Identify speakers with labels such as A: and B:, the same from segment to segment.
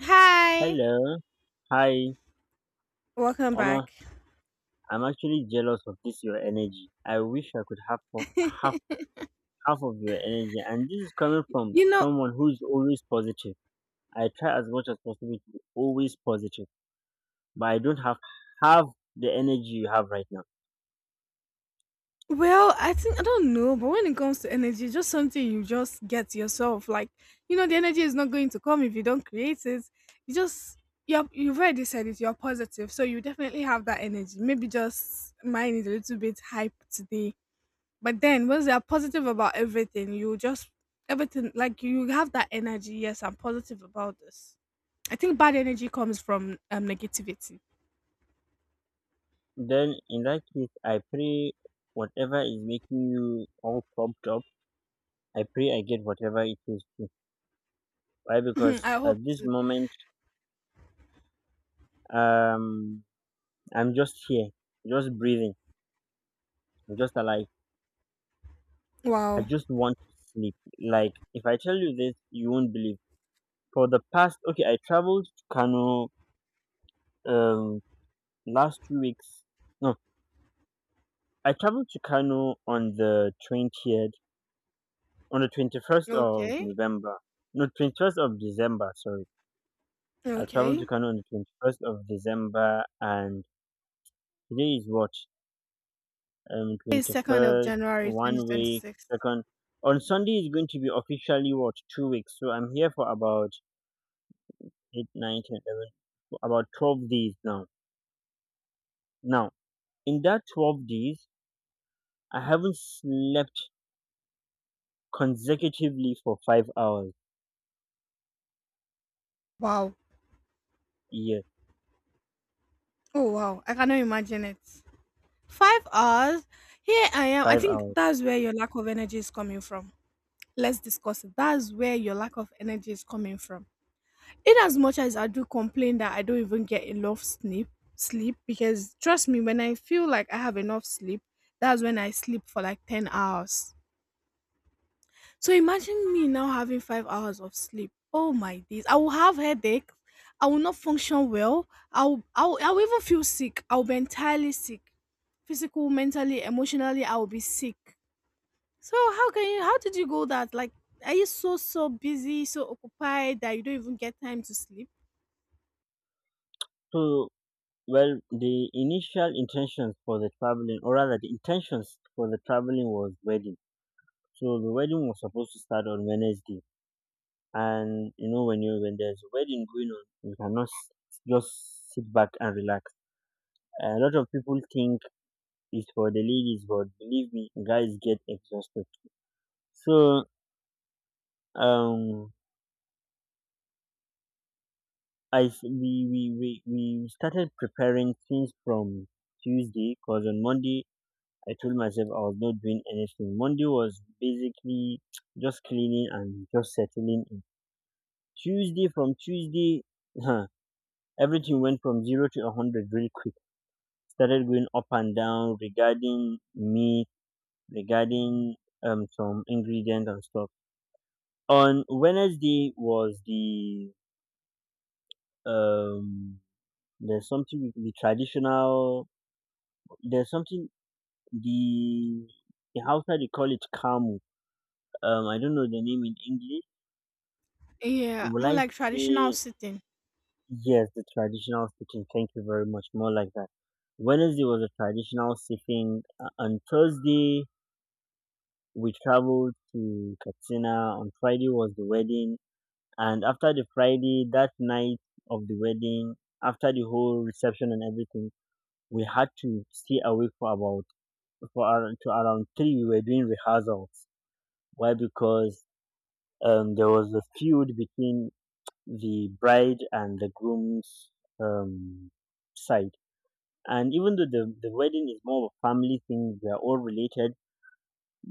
A: Hi,
B: Hello. Hi.
A: welcome
B: Omo,
A: back.
B: I'm actually jealous of this your energy. I wish I could have half half of your energy. And this is coming from
A: You know,
B: someone who is always positive. I try as much as possible to be always positive, but I don't have half the energy you have right now.
A: well, I think I don't know, but when it comes to energy, it's just something you just get yourself. Like, the energy is not going to come if you don't create it. You just you've already said it, you're positive. So you definitely have that energy. Maybe just mine is a little bit hype today. But then once you're positive about everything, you just everything like you have that energy. Yes, I'm positive about this. I think bad energy comes from negativity.
B: Then in that case, I pray whatever is making you all pumped up. I pray I get whatever it is too. Why? Because
A: I hope
B: at this
A: to.
B: moment, um, I'm just here, just breathing, I'm just alive. I
A: Wow.
B: just want to sleep. Like if I tell you this, you won't believe. For the past, okay, I traveled to Kano um last 2 weeks. No, I traveled to Kano on the 20th, on the 21st of
A: Okay.
B: November. No, 21st of December. Sorry, I traveled
A: Okay.
B: to Kano on the 21st of December, and today is what
A: It's
B: twenty
A: 2nd of
B: first
A: January
B: 1 week,
A: 2026.
B: second. On Sunday is going to be officially what, 2 weeks. So I'm here for about 8, 9, 10, 11, about 12 days now. Now, in that 12 days, I haven't slept consecutively for 5 hours.
A: Wow.
B: Yes,
A: Oh, wow. I cannot imagine it. 5 hours. Here I am. I
B: five
A: think
B: hours.
A: that's where your lack of energy is coming from. Let's discuss it. That's where your lack of energy is coming from. In as much as I do complain that I don't even get enough sleep because trust me, when I feel like I have enough sleep, that's when I sleep for like 10 hours. So imagine me now having 5 hours of sleep. Oh my days. I will have headache. I will not function well. I'll even feel sick. I'll be entirely sick. Physical, mentally, emotionally, I will be sick. So how can you how did you go that? Like are you so busy, so occupied that you don't even get time to sleep?
B: So, well, the initial intentions for the traveling, or rather, the intentions for the traveling was wedding. So the wedding was supposed to start on Wednesday, and you know, when there's a wedding going on, you cannot just sit back and relax. A lot of people think it's for the ladies, but believe me, guys get exhausted. So um, I s- we started preparing things from Tuesday, because on Monday I told myself I was not doing anything. Monday was basically just cleaning and just settling in. Tuesday from Tuesday, huh, everything went from zero to a hundred really quick. Started going up and down regarding me, regarding some ingredient and stuff. On Wednesday was the um there's something with the traditional. There's something, the in Hausa they call it kamu. I don't know the name in English.
A: Yeah,
B: Will
A: more
B: I
A: like traditional
B: say
A: sitting.
B: yes? The traditional sitting. Thank you very much. More like that. Wednesday was a traditional sitting. On Thursday we traveled to Katsina. On Friday was the wedding, and after the Friday, that night of the wedding, after the whole reception and everything, we had to stay awake for about, for around, to around three we were doing rehearsals. Why? Because there was a feud between the bride and the groom's, um, side, and even though the wedding is more of a family thing, we are all related,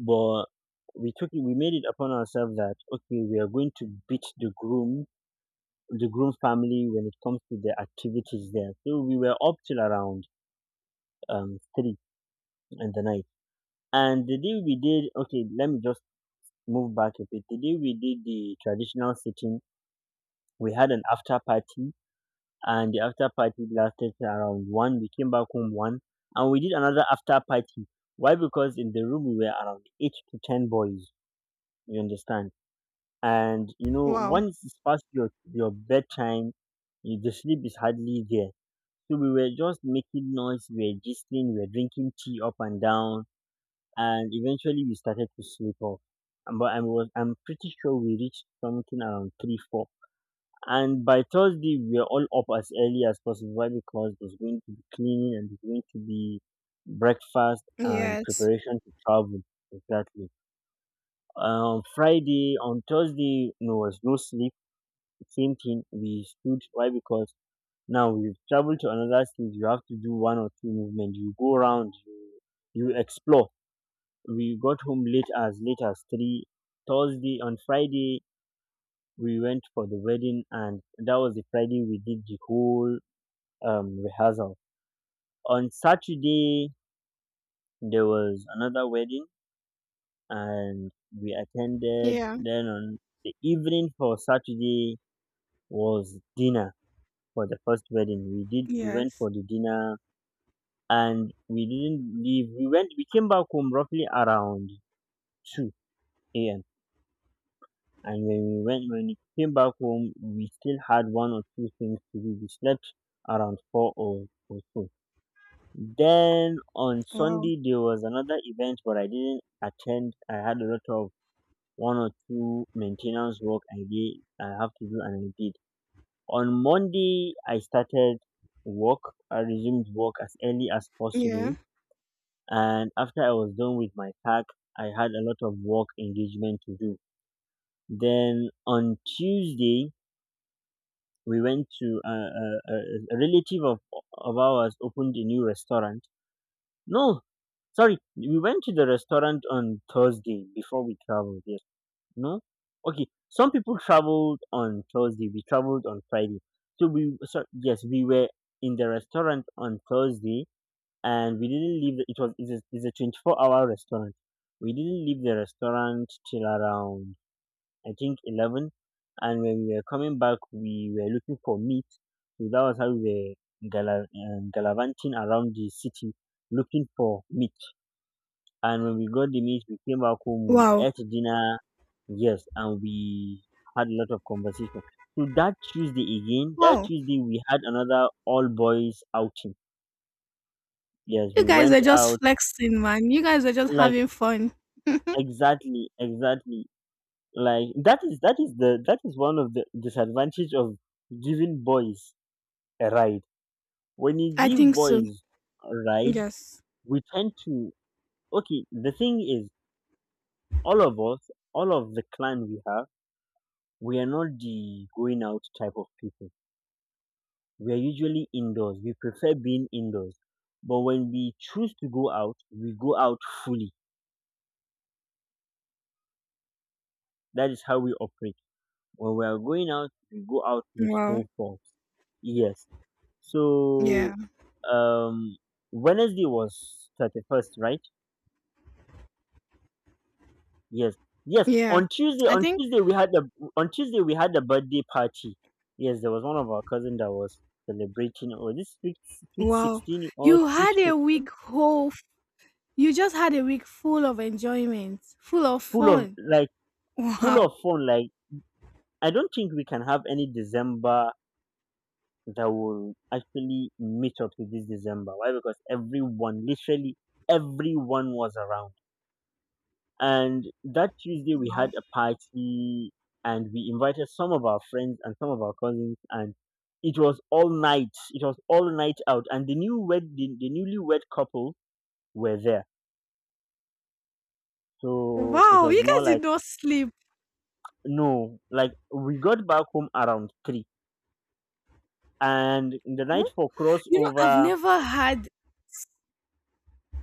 B: but we took it, we made it upon ourselves that okay, we are going to beat the groom, family when it comes to the activities there. So we were up till around three in the night. And the day we did, okay, let me just move back a bit. The day we did the traditional sitting, we had an after party, and the after party lasted till around one. We came back home one, and we did another after party. Why? Because in the room we were around eight to ten boys. You understand? And you know,
A: Wow.
B: once it's past your bedtime, the sleep is hardly there. So we were just making noise. We were gisting. We were drinking tea up and down, and eventually we started to sleep off. But I'm pretty sure we reached something around three four. And by Thursday we were all up as early as possible. Why? Because there's going to be cleaning, and there's going to be breakfast and
A: Yes.
B: preparation to travel. Exactly. On Friday, on Thursday, no, was no sleep. Same thing. We stood. Why? Because now we've traveled to another state. You have to do one or two movements. You go around. You explore. We got home late as three, Thursday. On Friday we went for the wedding, and that was the Friday we did the whole rehearsal. On Saturday there was another wedding, and we attended.
A: Yeah.
B: Then on the evening for Saturday was dinner for the first wedding. We went
A: Yes.
B: for the dinner, and we didn't leave. We came back home roughly around two a.m., and when we came back home we still had one or two things to do. We slept around four, or so. Then on
A: Wow.
B: Sunday there was another event but I didn't attend. I had a lot of one or two maintenance work I have to do, and I did. On Monday I started work. I resumed work as early as
A: Yeah.
B: possible, and after I was done with my pack I had a lot of work engagement to do. Then on Tuesday we went to a relative of ours opened a new restaurant. No, sorry, we went to the restaurant on Thursday before we traveled. Yes, no, okay. Some people traveled on Thursday. We traveled on Friday. So we, yes, we were in the restaurant on Thursday, and we didn't leave. The, it was it's a 24-hour restaurant. We didn't leave the restaurant till around, I think, 11. And when we were coming back, we were looking for meat. So that was how we were gallivanting around the city looking for meat. And when we got the meat, we came back home, we
A: Wow.
B: ate dinner, yes, and we had a lot of conversation. So that Tuesday again, that
A: Wow.
B: Tuesday we had another all boys outing. Yes,
A: You
B: we
A: guys are
B: went
A: just
B: out,
A: flexing, man. You guys are just
B: like,
A: having fun.
B: exactly, exactly. Like, that is one of the disadvantage of giving boys a ride. When you
A: I
B: give
A: think so.
B: boys a ride,
A: Yes.
B: we tend to, okay. The thing is, all of us, all of the clan we have, we are not the going out type of people. We are usually indoors. We prefer being indoors. But when we choose to go out, we go out fully. That is how we operate. When we are going out, we go out with
A: Wow.
B: full force. Yes.
A: Yeah.
B: So um Wednesday was 31st, right? Yes, yes.
A: Yeah. I
B: On
A: think,
B: Tuesday we had the on Tuesday we had the birthday party. Yes, there was one of our cousin that was celebrating. Oh, this sweet
A: wow.
B: 16 or
A: You
B: sweet
A: had a
B: 15?
A: week whole, you just had a week full of enjoyment, full of
B: Full of
A: fun.
B: like full
A: Wow.
B: of fun. Like, I don't think we can have any December that will actually meet up to this December. Why? Because everyone, literally everyone, was around. And that Tuesday we
A: Wow.
B: had a party, and we invited some of our friends and some of our cousins, and it was all night. It was all night out, and the new wed, the newlywed couple were there. So it
A: Wow.
B: was
A: You
B: more
A: guys did
B: like,
A: not sleep.
B: no, like we got back home around three. And the
A: Hmm?
B: night for
A: You know,
B: crossover,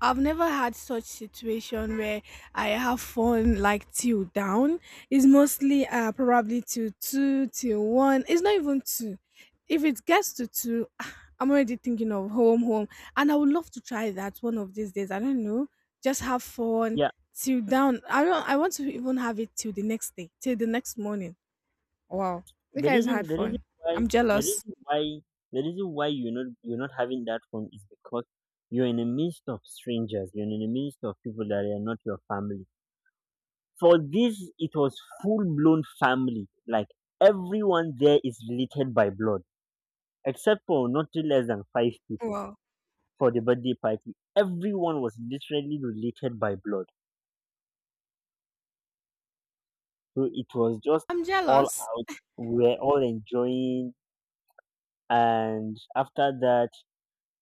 A: I've never had such situation where I have fun like till down. It's mostly probably till two till one. It's not even two. If it gets to two, I'm already thinking of home, home, and I would love to try that one of these days. I don't know. Just have fun
B: yeah.
A: till down. I don't. I want to even have it till the next day, till the next morning. Wow, you guys had
B: The reason
A: fun.
B: why
A: I'm
B: the
A: jealous.
B: reason why the reason why you're not having that phone is because you're in the midst of strangers, you're in the midst of people that are not your family. For this it was full blown family. Like, everyone there is related by blood, except for not less than five people
A: Wow,
B: for the birthday party. Everyone was literally related by blood. So it was just
A: I'm
B: all
A: jealous.
B: out. We were all enjoying, and after that,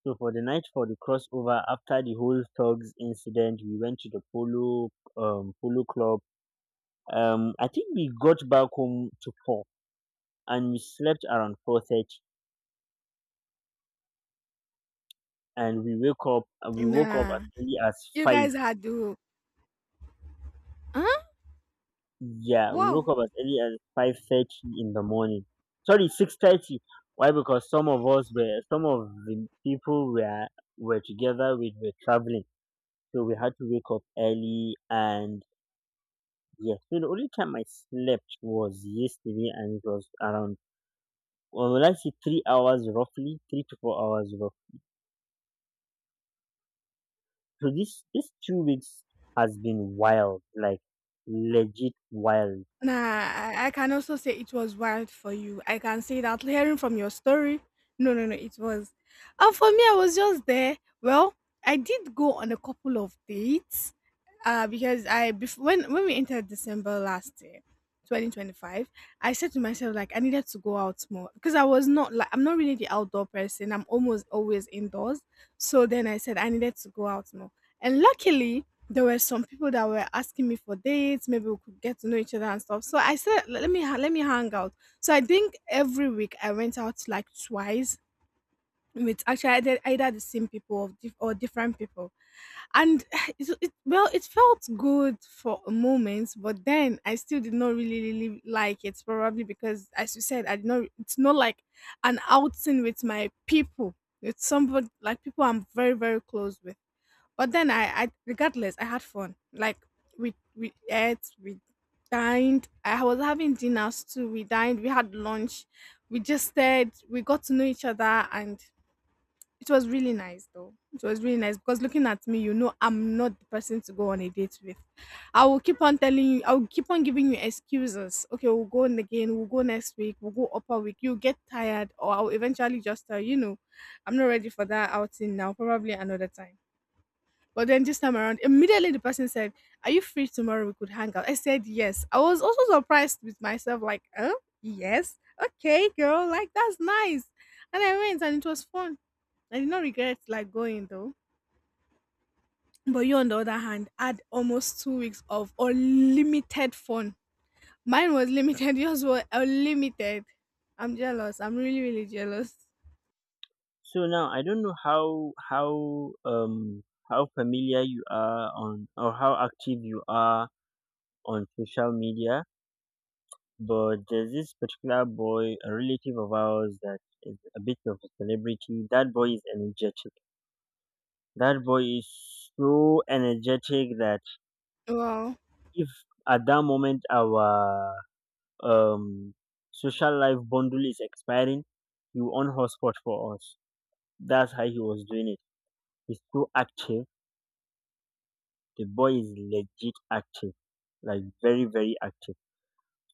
B: so for the night for the crossover, after the whole thugs incident, we went to the polo polo club. I think we got back home to four, and we slept around 4:30, and we woke up as
A: Nah,
B: early as
A: you
B: five.
A: guys had to. Huh?
B: Yeah, we woke
A: Wow.
B: up as early as 5:30 in the morning. Sorry, 6:30. Why? Because some of the people were together. We were traveling, so we had to wake up early, and yes. So the only time I slept was yesterday, and it was around, well, will I say 3 hours roughly, 3 to 4 hours roughly. So this 2 weeks has been wild, like, legit wild.
A: Nah, I can also say it was wild for you. I can say that hearing from your story. No, no, no, it was. And for me, I was just there. Well, I did go on a couple of dates because I when we entered December last year, 2025, I said to myself like I needed to go out more because I was not like I'm not really the outdoor person. I'm almost always indoors. So then I said I needed to go out more, and luckily there were some people that were asking me for dates. Maybe we could get to know each other and stuff. So I said let me hang out. So I think every week I went out like twice with actually either the same people or different people and It well, it felt good for a moment, but then I still did not really really like it probably because as you said I did not it's not like an outing with my people, with somebody like people I'm very very close with, but then I regardless I had fun. Like we ate, we dined, I was having dinners too, we dined, we had lunch, we just stayed, we got to know each other, and it was really nice though. It was really nice because looking at me, you know, I'm not the person to go on a date with. I will keep on telling you, I will keep on giving you excuses. Okay, we'll go on again, we'll go next week, we'll go upper week. You'll get tired, or I'll eventually just tell you, you know, I'm not ready for that outing now, probably another time. But then this time around, immediately the person said, "Are you free tomorrow? We could hang out." I said, "Yes." I was also surprised with myself, like, "Oh, yes. Okay, girl, like that's nice." And I went and it was fun. I did not regret like going though. But you on the other hand had almost 2 weeks of unlimited fun. Mine was limited, yours were unlimited. I'm jealous. I'm really, really jealous.
B: So now I don't know how, how familiar you are on, or how active you are on social media, but there's this particular boy, a relative of ours that is a bit of a celebrity. That boy is energetic. That boy is so energetic that
A: Well,
B: if at that moment our um social life bundle is expiring, you on hotspot for us. That's how he was doing it. He's so active. The boy is legit active, like, very very active.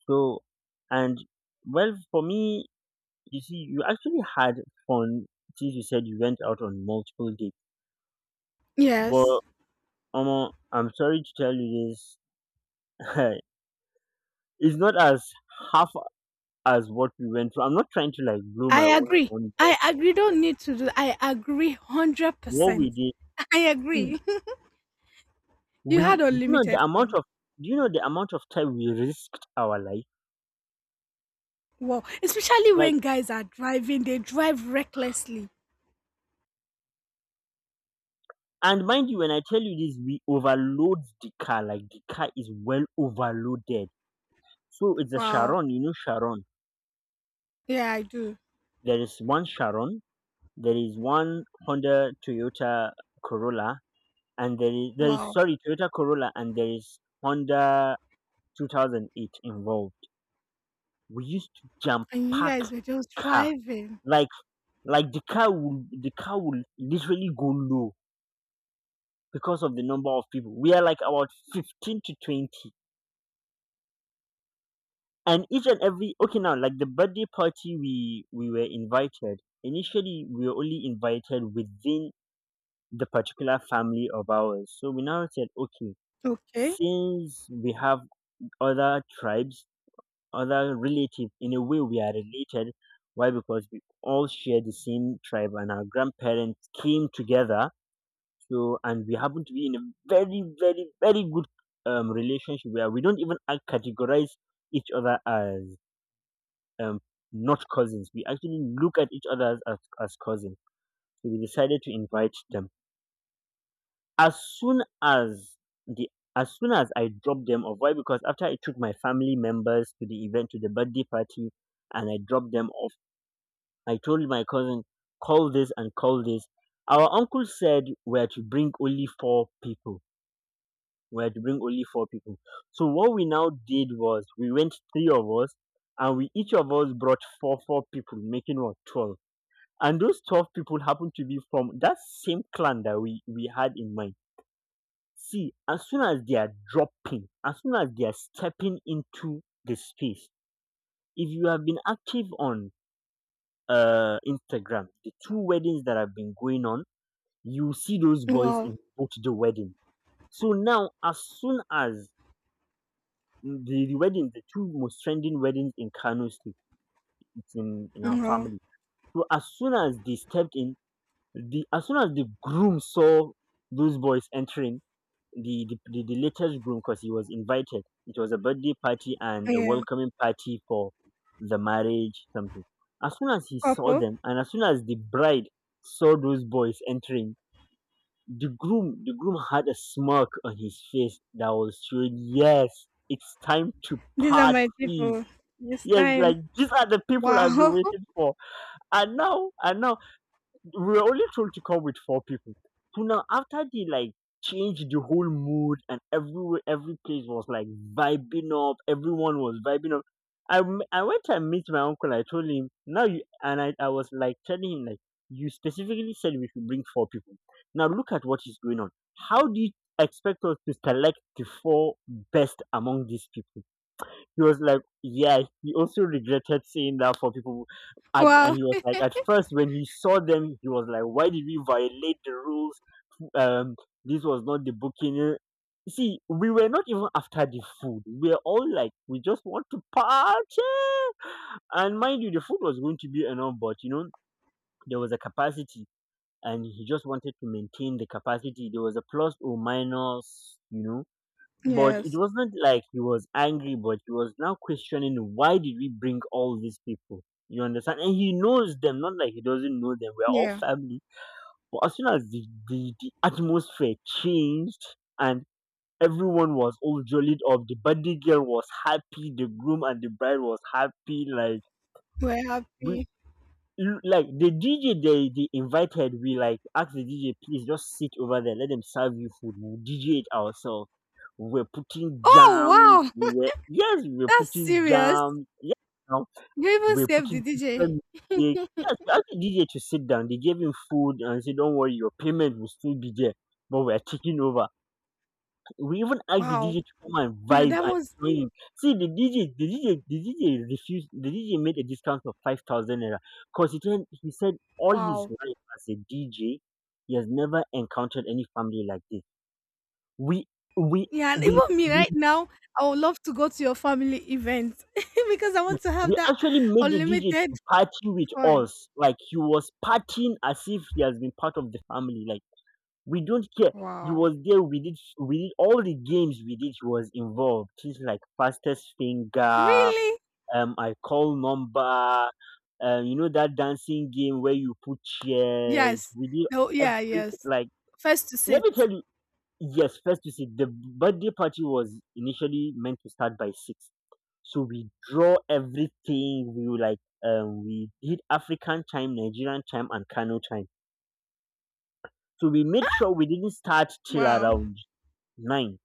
B: So, and well, for me, you see, you actually had fun, since you said you went out on multiple dates.
A: yes.
B: But Omo, I'm sorry to tell you this. It's not as half as what we went through. I'm not trying to like blow
A: I
B: my own
A: agree.
B: own but
A: I agree. Don't need to do I agree hundred
B: what
A: percent.
B: we did.
A: I
B: See,
A: agree. you had
B: we do you know the
A: unlimited
B: amount
A: fun.
B: of, do you know the amount of time we risked our life?
A: Wow. Especially
B: Like,
A: when guys are driving, they drive recklessly.
B: and mind you, when I tell you this, we overload the car, like the car is well overloaded. So it's a
A: Wow.
B: Sharon, you know Sharon.
A: Yeah, I do.
B: There is one Sharon, there is one Honda Toyota Corolla, and there is
A: Wow.
B: sorry, Toyota Corolla, and there is Honda 2008 involved. We used to jam
A: And you
B: pack
A: guys were
B: the
A: just
B: car.
A: driving.
B: Like, the car will literally go low because of the number of people. We are like about 15 to 20. And each and every, okay now, like the birthday party we were invited. Initially we were only invited within the particular family of ours. So we now said, okay,
A: Okay.
B: since we have other tribes, other relative, in a way we are related. Why? Because we all share the same tribe and our grandparents came together. So, and we happen to be in a very very very good relationship where we don't even categorize each other as, um, not cousins, we actually look at each other as, as cousins. So we decided to invite them as soon as the as soon as I dropped them off. Why? Because after I took my family members to the event, to the birthday party, and I dropped them off, I told my cousin, call this and call this. Our uncle said we are to bring only 4 people. We are to bring only four people. So what we now did was, we went three of us, and we each of us brought four people, making what, 12. And those 12 people happened to be from that same clan that we had in mind. See, as soon as they are dropping, as soon as they are stepping into the space, if you have been active on Instagram, the two weddings that have been going on, you see those boys
A: Wow,
B: in both the wedding. So now, as soon as the, the wedding, the two most trending weddings in Kano State, it's in our
A: wow,
B: family. So as soon as they stepped in, the as soon as the groom saw those boys entering, the latest groom, because he was invited, it was a birthday party and a
A: yeah,
B: welcoming party for the marriage something. As soon as he saw
A: couple.
B: them, and as soon as the bride saw those boys entering. The groom had a smirk on his face that was showing, yes, it's time to
A: These are my
B: party.
A: people. This
B: Yes,
A: time,
B: like these are the people I've been
A: wow,
B: waiting for. And now, and now, we were only told to come with 4 people. So now, after they like changed the whole mood, and everywhere, every place was like vibing up. Everyone was vibing up. I went and meet my uncle. I told him, now you and I was like telling him like, you specifically said we should bring four people. Now look at what is going on. How do you expect us to select the 4 best among these people? He was like, yeah, he also regretted saying that for people. And
A: wow,
B: he was like, at first, when he saw them, he was like, why did we violate the rules? Um, this was not the booking. See, we were not even after the food. We were all like, we just want to party. And mind you, the food was going to be enough, but you know, there was a capacity, and he just wanted to maintain the capacity. There was a plus or minus, you know. But it
A: yes,
B: wasn't like he was angry, but he was now questioning, why did we bring all these people? You understand? And he knows them, not like he doesn't know them. We're all
A: yeah,
B: family. But as soon as the atmosphere changed, and everyone was all jollied up, the birthday girl was happy, the groom and the bride was happy, like
A: we're
B: we,
A: happy.
B: like the DJ they invited, we like asked the DJ, please just sit over there, let them serve you food. We'll DJ it ourselves. We were putting
A: Oh
B: jams.
A: wow,
B: Yes, we were
A: that's
B: putting
A: serious.
B: jams. Yes, now
A: You even
B: we were
A: saved the
B: putting
A: DJ.
B: different music. Yes, we asked the DJ to sit down. They gave him food and said, don't worry, your payment will still be there, but we are taking over. We even asked the
A: Wow,
B: DJ to come and
A: now
B: vibe
A: that
B: and
A: was
B: join. See the DJ, the DJ refused. The DJ made a discount of 5,000 naira because he said all his
A: wow.
B: life as a DJ, he has never encountered any family like this. We we
A: Yeah, and
B: we
A: even me
B: we,
A: right now, I would love to go to your family event because I want to have
B: we
A: that
B: actually made the DJ
A: unlimited
B: to party with
A: fun.
B: us. Like he was partying as if he has been part of the family. Like, we don't care. He
A: Wow,
B: was there. We did. We did all the games. We did. He was involved. Things like fastest finger,
A: really?
B: I call number, you know that dancing game where you put chairs,
A: Yes.
B: we did
A: No, yeah,
B: every.
A: yes.
B: Like,
A: First to
B: let
A: sit.
B: me tell you. Yes, first, you see, the birthday party was initially meant to start by 6. So we draw everything. We were like, we did African time, Nigerian time, and Kano time. So we made sure we didn't start till
A: Wow.
B: around 9,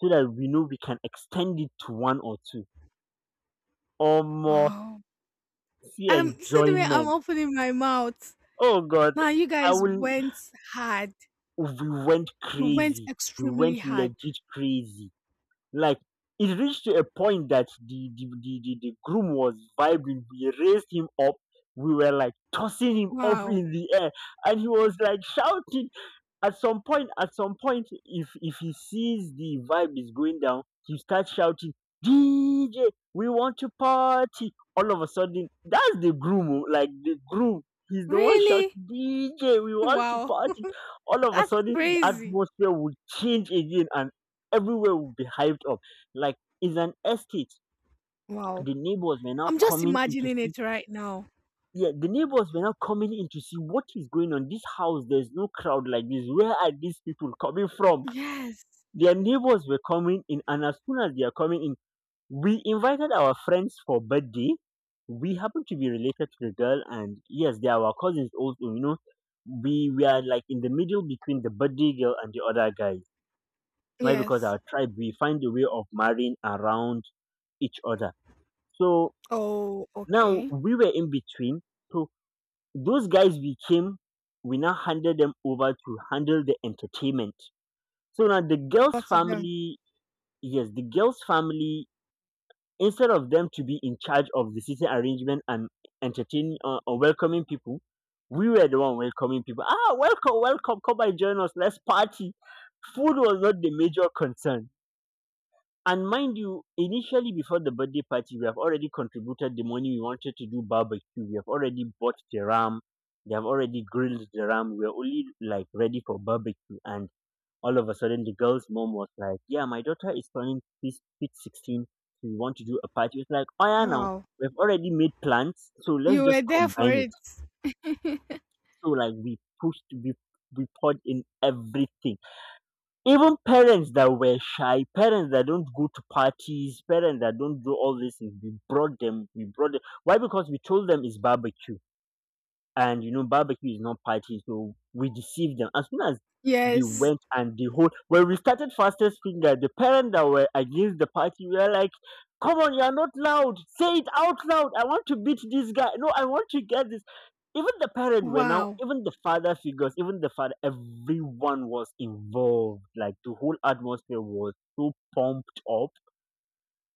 B: so that we know we can extend it to one or two, or more.
A: Wow.
B: See
A: See the way I'm
B: enjoyment.
A: opening my mouth.
B: Oh God,
A: Now you
B: I
A: guys
B: will
A: went hard.
B: we went
A: You went
B: crazy. We
A: extremely
B: went
A: hard.
B: legit crazy. Like, it reached to a point that the groom was vibing. We raised him up. We were like tossing him up
A: Wow.
B: in the air, and he was like shouting. At some point, if he sees the vibe is going down, he starts shouting, DJ, we want to party, all of a sudden. That's the groom. Oh, like, the groom, he's the one shouting,
A: Really?
B: DJ, we want to
A: Wow.
B: party. All of a
A: That's
B: sudden, the
A: crazy.
B: atmosphere will change again, and everywhere will be hyped up. Like, it's an estate.
A: Wow.
B: the neighbors were now
A: I'm just
B: coming in to
A: imagining
B: see
A: it right now.
B: yeah, the neighbors were now coming in to see what is going on. This house, there's no crowd like this. Where are these people coming from?
A: Yes.
B: Their neighbors were coming in, and as soon as they are coming in, we invited our friends for birthday. We happen to be related to the girl, and yes, they are our cousins also. You know, we are like in the middle between the birthday girl and the other guy. Why? Because
A: Yes.
B: our tribe, we find a way of marrying around each other. So
A: Oh,
B: now
A: okay.
B: we were in between. So those guys we came, we now handed them over to handle the entertainment. So now the girl's
A: What to them?
B: family, yes, the girl's family, instead of them to be in charge of the seating arrangement and entertaining, or welcoming people, we were the one welcoming people. Ah, welcome, welcome, come and join us, let's party. Food was not the major concern. And mind you, initially before the birthday party, we have already contributed the money. We wanted to do barbecue. We have already bought the ram. They have already grilled the ram. We are only like ready for barbecue. And all of a sudden, the girl's mom was like, "Yeah, my daughter is turning sweet 16. So we want to do a party." It's like, "Oh yeah, now
A: Wow.
B: we've already made plans, so let's
A: You were
B: just
A: there for
B: combine it."
A: it.
B: So like, we pushed, we poured in everything. Even parents that were shy, parents that don't go to parties, parents that don't do all these things, we brought them. We brought them. Why? Because we told them it's barbecue. And you know barbecue is not party, so we deceived them. As soon as they
A: Yes.
B: went, and the whole, when we started fastest finger, the parents that were against the party were like, come on, you are not loud, say it out loud, I want to beat this guy, no, I want to get this. Even the parents were now,
A: Wow.
B: even the father figures, even the father, everyone was involved. Like, the whole atmosphere was so pumped up.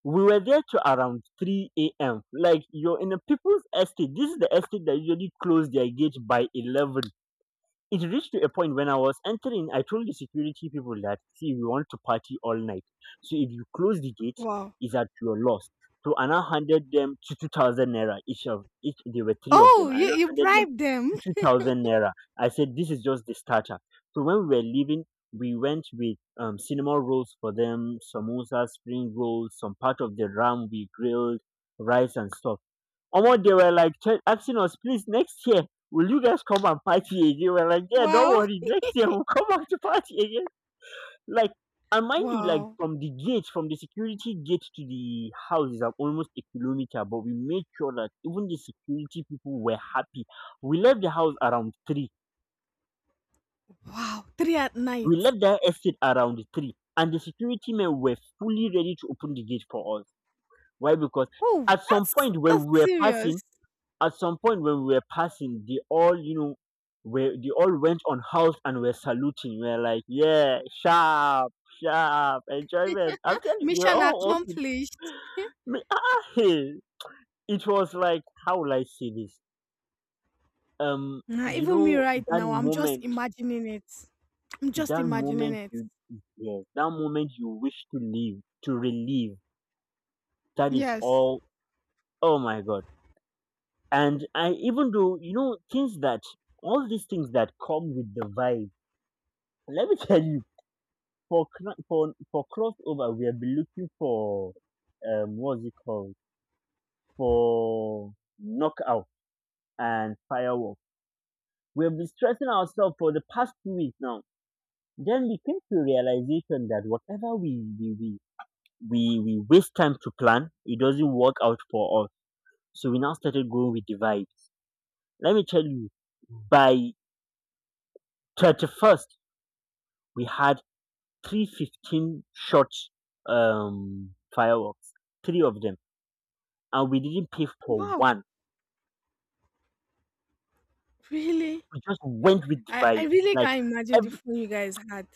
B: We were there to around 3 a.m. Like, you're in a people's estate. This is the estate that usually close their gate by 11. It reached to a point when I was entering, I told the security people that, see, we want to party all night. So if you close the gate,
A: Wow.
B: it's at your loss. So Anna handed them 2,000 naira each of each. There were three of them.
A: Oh, you,
B: Anna
A: you
B: handed them
A: bribed them.
B: 2,000 naira. I said, this is just the starter. So when we were leaving, we went with cinema rolls for them, samosa, spring rolls, some part of the ram we grilled, rice and stuff. Omo, they were like asking us, please, next year, will you guys come and party again? We're like, yeah, don't
A: Wow.
B: worry, next year we'll come back to party again. Like, and mind you, like
A: Wow.
B: from the gate, from the security gate to the house is like almost a kilometer, but we made sure that even the security people were happy. We left the house around three.
A: Wow. Three at night.
B: We left the estate around three, and the security men were fully ready to open the gate for us. Why? Because
A: Oh,
B: at some point when
A: that's
B: we were
A: serious.
B: passing, At some point when we were passing, they all, you know, were they all went on house and were saluting. We are like, yeah, sharp, sharp, enjoyment. I'm telling you, they were
A: Mission
B: all
A: accomplished.
B: Hey, it was like, how will I say this?
A: Nah,
B: You
A: even me
B: know
A: right
B: that
A: now, I'm just
B: moment,
A: imagining it. I'm just
B: that
A: imagining
B: moment
A: it.
B: you, yes, that moment you wish to live, to relive. That is
A: Yes.
B: all. Oh my God! And I, even though, you know, things that all these things that come with the vibe. Let me tell you, for crossover, we have been looking for, what's it called, for knockout and firework. We have been stressing ourselves for the past 2 weeks now. Then we came to a realization that whatever we waste time to plan, it doesn't work out for us. So we now started going with the vibes. Let me tell you, by 31st, we had 315 shots, um fireworks, three of them, and we didn't pay for
A: Wow.
B: one.
A: Really?
B: We just went with the
A: I
B: vibes.
A: really
B: Like,
A: can't imagine the
B: every,
A: fun you guys had.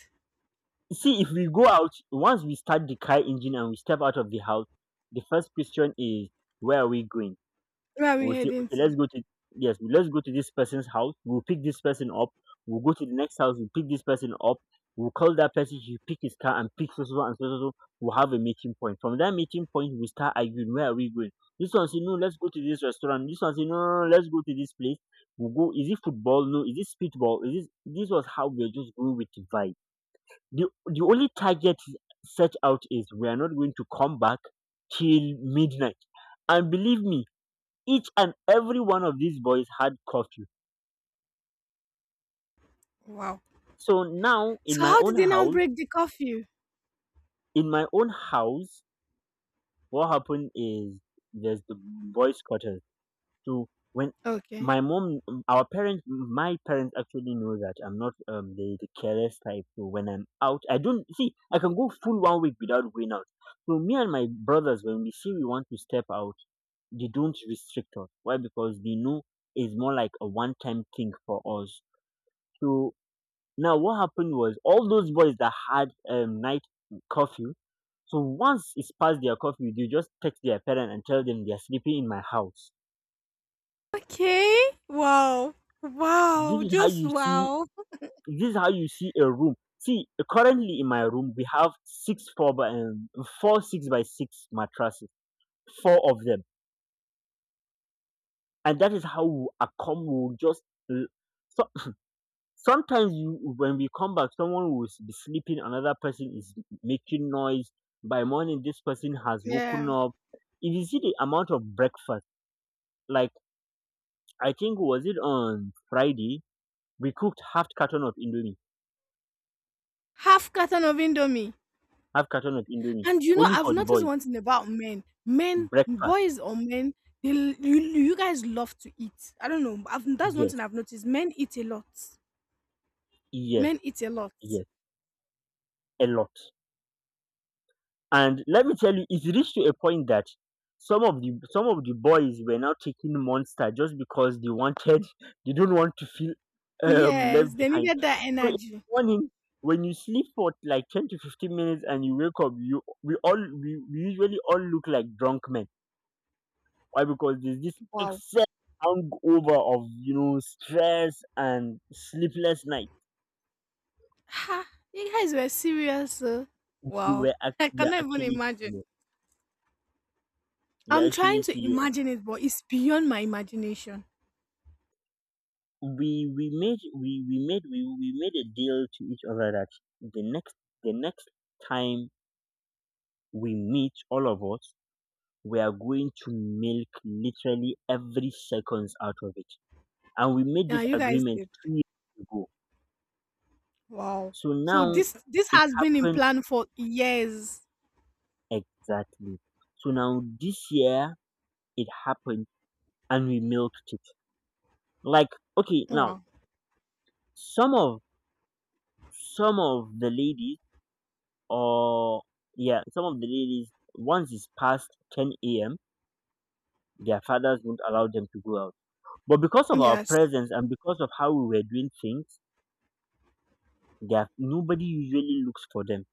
B: see, if we go out, once we start the car engine and we step out of the house, the first question is, where are we going?
A: Where are we
B: We'll say,
A: heading
B: "Okay,
A: to?
B: let's go to, yes, let's go to this person's house. We'll pick this person up. We'll go to the next house. We'll pick this person up. We'll call that person. He pick his car and pick so so so and so so so. We'll have a meeting point. From that meeting point, we start arguing. Where are we going? This one say no. Let's go to this restaurant. This one say no, no, no, let's go to this place. We'll go. Is it football? No. Is it speedball? Is this? This was how we are just going with the vibe. The only target set out is we are not going to come back till midnight. And believe me, each and every one of these boys had curfew.
A: Wow.
B: So now in
A: So
B: my
A: how did
B: own
A: they now
B: house,
A: break the curfew?
B: in my own house, what happened is, there's the boys' quarters. So when
A: Okay.
B: my mom, our parents, my parents actually know that I'm not the careless type. So when I'm out, I don't see. I can go full one week without going out. So me and my brothers, when we see we want to step out, they don't restrict us. Why? Because they know it's more like a one-time thing for us. So now, what happened was, all those boys that had night curfew. So once it's past their curfew, they just text their parent and tell them they're sleeping in my house.
A: Okay. Wow.
B: This
A: Wow.
B: is how
A: Just
B: you see.
A: wow.
B: This is how you see a room. See, currently in my room we have six by six mattresses, four of them, and that is how we accom we will just. L- So sometimes, you when we come back, someone will be sleeping, another person is making noise. By morning, this person has woken
A: Yeah.
B: up. If you see the amount of breakfast, like, I think, was it on Friday, we cooked half carton of Indomie,
A: Half carton of Indomie.
B: half carton of Indomie,
A: And
B: only
A: I've
B: for the
A: noticed
B: boys'
A: one thing about men. Men,
B: breakfast.
A: boys or men, they you, you guys love to eat. I don't know. I've, that's one thing
B: Yes,
A: I've noticed. Men eat a lot.
B: yes,
A: Men eat a lot.
B: yes, a lot. And let me tell you, it reached to a point that some of the boys were now taking Monster just because they wanted they don't want to feel left
A: Yes, they
B: behind.
A: needed that
B: So in
A: energy.
B: the morning, when you sleep for like 10 to 15 minutes and you wake up, you we all we usually all look like drunk men. Why? Because there's this
A: Wow.
B: excess hangover of, you know, stress and sleepless night.
A: Ha, you guys were serious. Oh. Wow. I
B: We are
A: cannot even
B: actually
A: imagine.
B: serious. We are
A: I'm trying
B: actually
A: to
B: serious.
A: imagine it, but it's beyond my imagination.
B: We made a deal to each other that the next the next time we meet, all of us, we are going to milk literally every seconds out of it. And we made
A: Yeah,
B: this
A: you guys
B: agreement
A: did.
B: 3 years ago.
A: Wow.
B: So
A: So
B: now
A: this
B: it
A: has been in
B: happened,
A: plan for years.
B: exactly. So now this year it happened, and we milked it, like, okay, now,
A: Wow.
B: some of some of the ladies, or, yeah, some of the ladies, once it's past 10 a.m., their fathers won't allow them to go out. But because of our
A: Yes.
B: presence and because of how we were doing things, there nobody usually looks for them.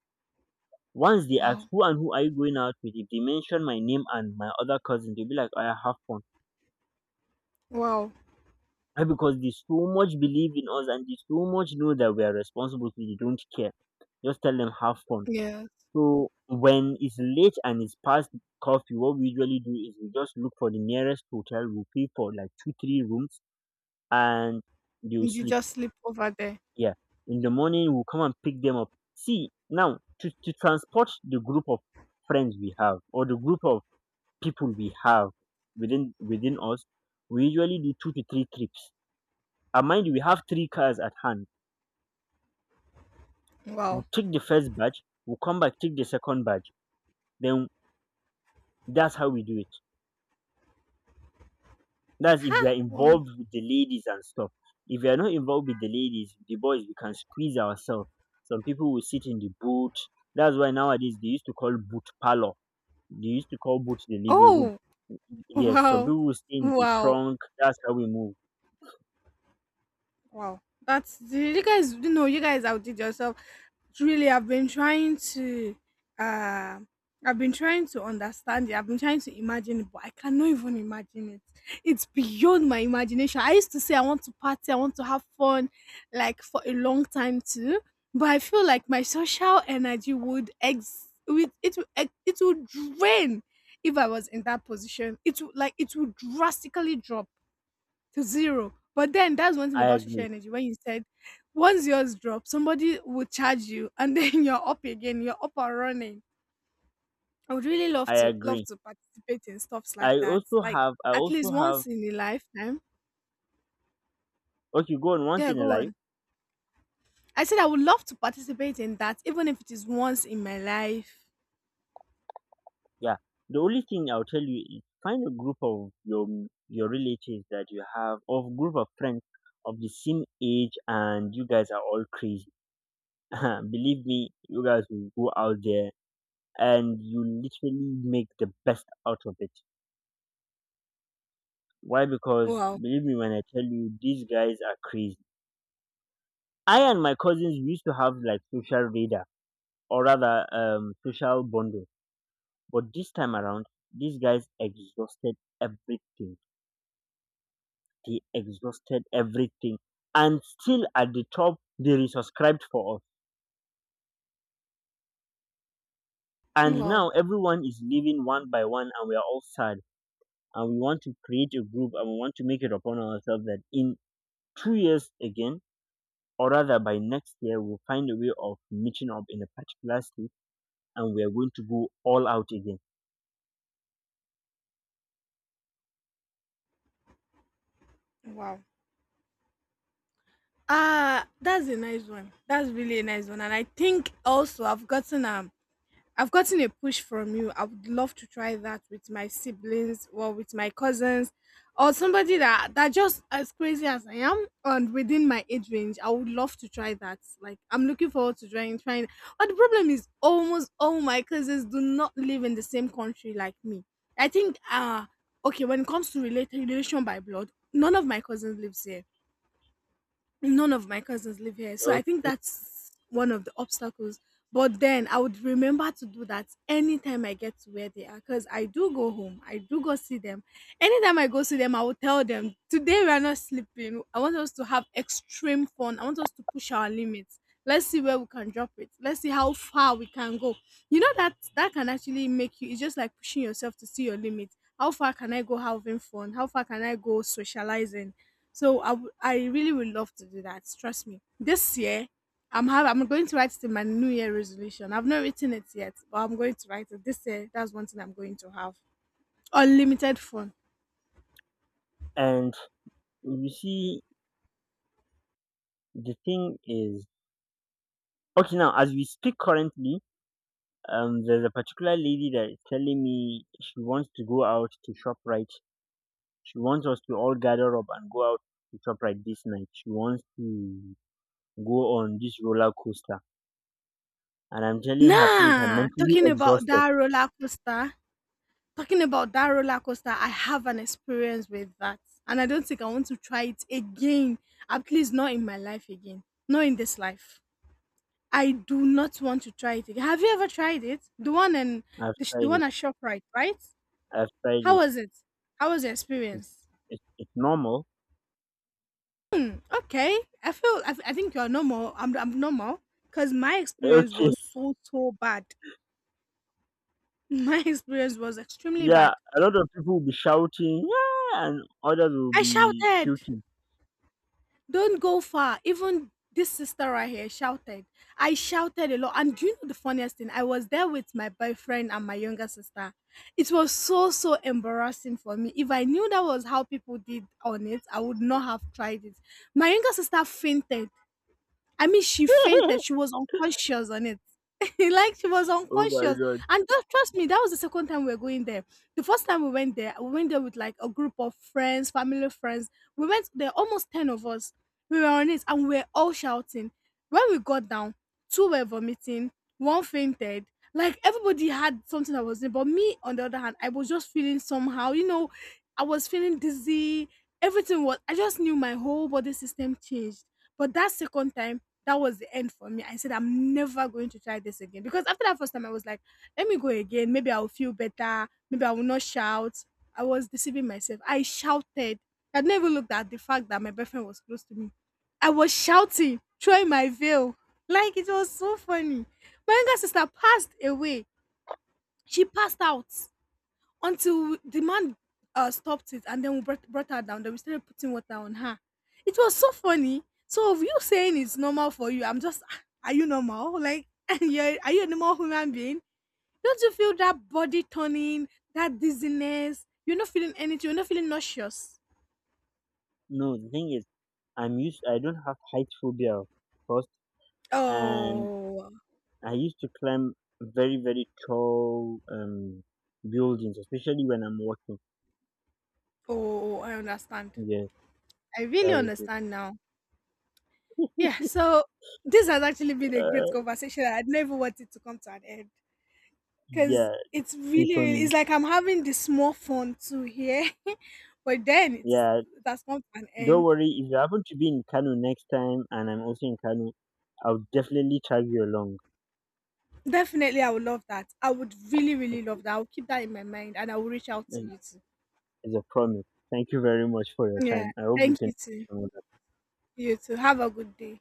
B: Once they ask
A: Wow.
B: who and who are you going out with, if they mention my name and my other cousin, they'll be like, "Oh, I have fun."
A: Wow.
B: Why? Because they so much believe in us and they so much know that we are responsible, so they don't care. Just tell them have fun.
A: Yeah.
B: So when it's late and it's past coffee, what we usually do is we just look for the nearest hotel. We pay for like two, three rooms, and they'll
A: Did you
B: sleep.
A: just sleep over there?
B: Yeah. In the morning, we'll come and pick them up. See now, to transport the group of friends we have, or the group of people we have within us, we usually do two to three trips. And mind you, we have three cars at hand.
A: Wow.
B: We'll take the first batch. We'll come back, take the second batch. Then that's how we do it. That's if we
A: Ha!
B: are
A: Wow.
B: involved with the ladies and stuff. If we are not involved with the ladies, the boys, we can squeeze ourselves. Some people will sit in the boot. That's why nowadays they used to call boot parlor. They used to call boot the living room.
A: Oh,
B: Yes, some
A: wow.
B: people will stay in the
A: Wow.
B: trunk. That's how we move.
A: Wow, that's you guys. You know, you guys outdid yourself. Really, I've been trying to, uh, I've been trying to understand it. I've been trying to imagine it, but I cannot even imagine it. It's beyond my imagination. I used to say I want to party, I want to have fun, like for a long time too. But I feel like my social energy would ex, would it would ex- it would drain if I was in that position. It would like it would drastically drop to zero. But then that's one thing
B: I
A: about social
B: agree.
A: energy. When you said once yours drop, somebody will charge you, and then you're up again. You're up and running. I would really love
B: I
A: to love
B: agree.
A: to participate in stuffs like
B: I
A: that.
B: also
A: Like
B: have. I
A: at
B: also
A: least
B: have.
A: once in a lifetime.
B: Okay, go on. Once
A: Yeah,
B: in a
A: go
B: life.
A: on. I said I would love to participate in that, even if it is once in my life.
B: Yeah. The only thing I'll tell you is find a group of your relatives that you have, or group of friends of the same age, and you guys are all crazy. Believe me, you guys will go out there and you literally make the best out of it. Why? Because
A: Wow,
B: believe me when I tell you, these guys are crazy. I and my cousins, we used to have like social radar, or rather, social bundle. But this time around, these guys exhausted everything. They exhausted everything. And still at the top, they resubscribed for us. And
A: wow,
B: now everyone is leaving one by one, and we are all sad. And we want to create a group, and we want to make it upon ourselves that in 2 years again, or rather by next year, we'll find a way of meeting up in a particular state, and we are going to go all out again.
A: wow. Ah, that's a nice one. That's really a nice one, and I think also I've gotten a push from you. I would love to try that with my siblings or with my cousins or somebody that just as crazy as I am and within my age range. I would love to try that. Like I'm looking forward to trying. But the problem is almost all my cousins do not live in the same country like me. I think okay, when it comes to relation by blood, none of my cousins lives here none of my cousins live here, so I
B: Okay.
A: think that's one of the obstacles, but then I would remember to do that anytime I get to where they are, because I do go home. I do go see them. Anytime I go see them, I will tell them today we are not sleeping. I want us to have extreme fun. I want us to push our limits. Let's see where we can drop it. Let's see how far we can go. You know, that can actually make you. It's just like pushing yourself to see your limit. How far can I go having fun? How far can I go socializing? So I really would love to do that. Trust me. This year, I'm going to write it in my New Year resolution. I've not written it yet, but I'm going to write it this year. That's one thing I'm going to have. Unlimited fun.
B: And you see, the thing is, okay, now as we speak currently, there's a particular lady that is telling me she wants to go out to ShopRite. She wants us to all gather up and go out to ShopRite this night. She wants to go on this roller coaster. And I'm telling her, please, I'm
A: Nah,
B: mentally
A: talking about
B: exhausted.
A: that roller coaster. Talking about that roller coaster, I have an experience with that, and I don't think I want to try it again. At least not in my life again. Not in this life. I do not want to try it again. Have you ever tried it? The one and
B: I've
A: the, sh- the
B: tried
A: one
B: it.
A: at Shoprite, right?
B: I've tried
A: How
B: it.
A: was it? How was your
B: It's,
A: experience?
B: it's normal.
A: Okay, I feel I think you are normal. I'm normal because my experience
B: Okay.
A: was so so bad. My experience was extremely
B: Yeah.
A: bad.
B: A lot of people will be shouting, yeah, and others will
A: I
B: be
A: shouted,
B: puking.
A: "Don't go far!" Even this sister right here shouted. I shouted a lot, and do you know the funniest thing? I was there with my boyfriend and my younger sister. It was so so embarrassing for me. If I knew that was how people did on it, I would not have tried it. My younger sister fainted. I mean, she fainted.
B: Oh
A: She was unconscious on it. like she was
B: my
A: unconscious.
B: God.
A: And don't trust me, that was the second time we were going there. The first time we went there with like a group of friends, family friends. We went there, almost 10 of us. We were on it and we were all shouting. When we got down, two were vomiting, one fainted. Like everybody had something that was in. But me, on the other hand, I was just feeling somehow, you know, I was feeling dizzy. Everything was I just knew my whole body system changed, but that second time, that was the end for me. I said, I'm never going to try this again. Because after that first time, I was like, let me go again. Maybe I'll feel better. Maybe I will not shout. I was deceiving myself. I shouted. I never looked at the fact that my boyfriend was close to me. I was shouting, throwing my veil. Like it was so funny. My younger sister passed away. She passed out until the man stopped it and then we brought her down. Then we started putting water on her. It was so funny. So of you saying it's normal for you, I'm just, "Ah, are you normal? Like, and you're, are you a normal human being? Don't you feel that body turning, that dizziness? You're not feeling anything. You're not feeling nauseous."
B: No, the thing is, I'm used, I don't have height phobia first. And
A: Oh,
B: I used to climb very, very tall buildings, especially when I'm working.
A: oh, I understand.
B: Yes,
A: I really
B: that is it.
A: understand now. Yeah. So this has actually been a great
B: Uh,
A: conversation. I never wanted to come to an end, because
B: yeah,
A: it's
B: thing
A: really,
B: for
A: really
B: me.
A: it's like I'm having this small fun too here, but then it's
B: Yeah,
A: it has come to an
B: don't
A: end.
B: worry. If you happen to be in Kano next time, and I'm also in Kano, I'll definitely tag you along.
A: Definitely, I would love that. I would really, really
B: It-
A: love that. I'll keep that in my mind, and I will reach out to
B: it-
A: you too.
B: It's a promise. Thank you very much for your
A: Yeah,
B: time. I hope you
A: thank
B: can.
A: you too. You too. Have a good day.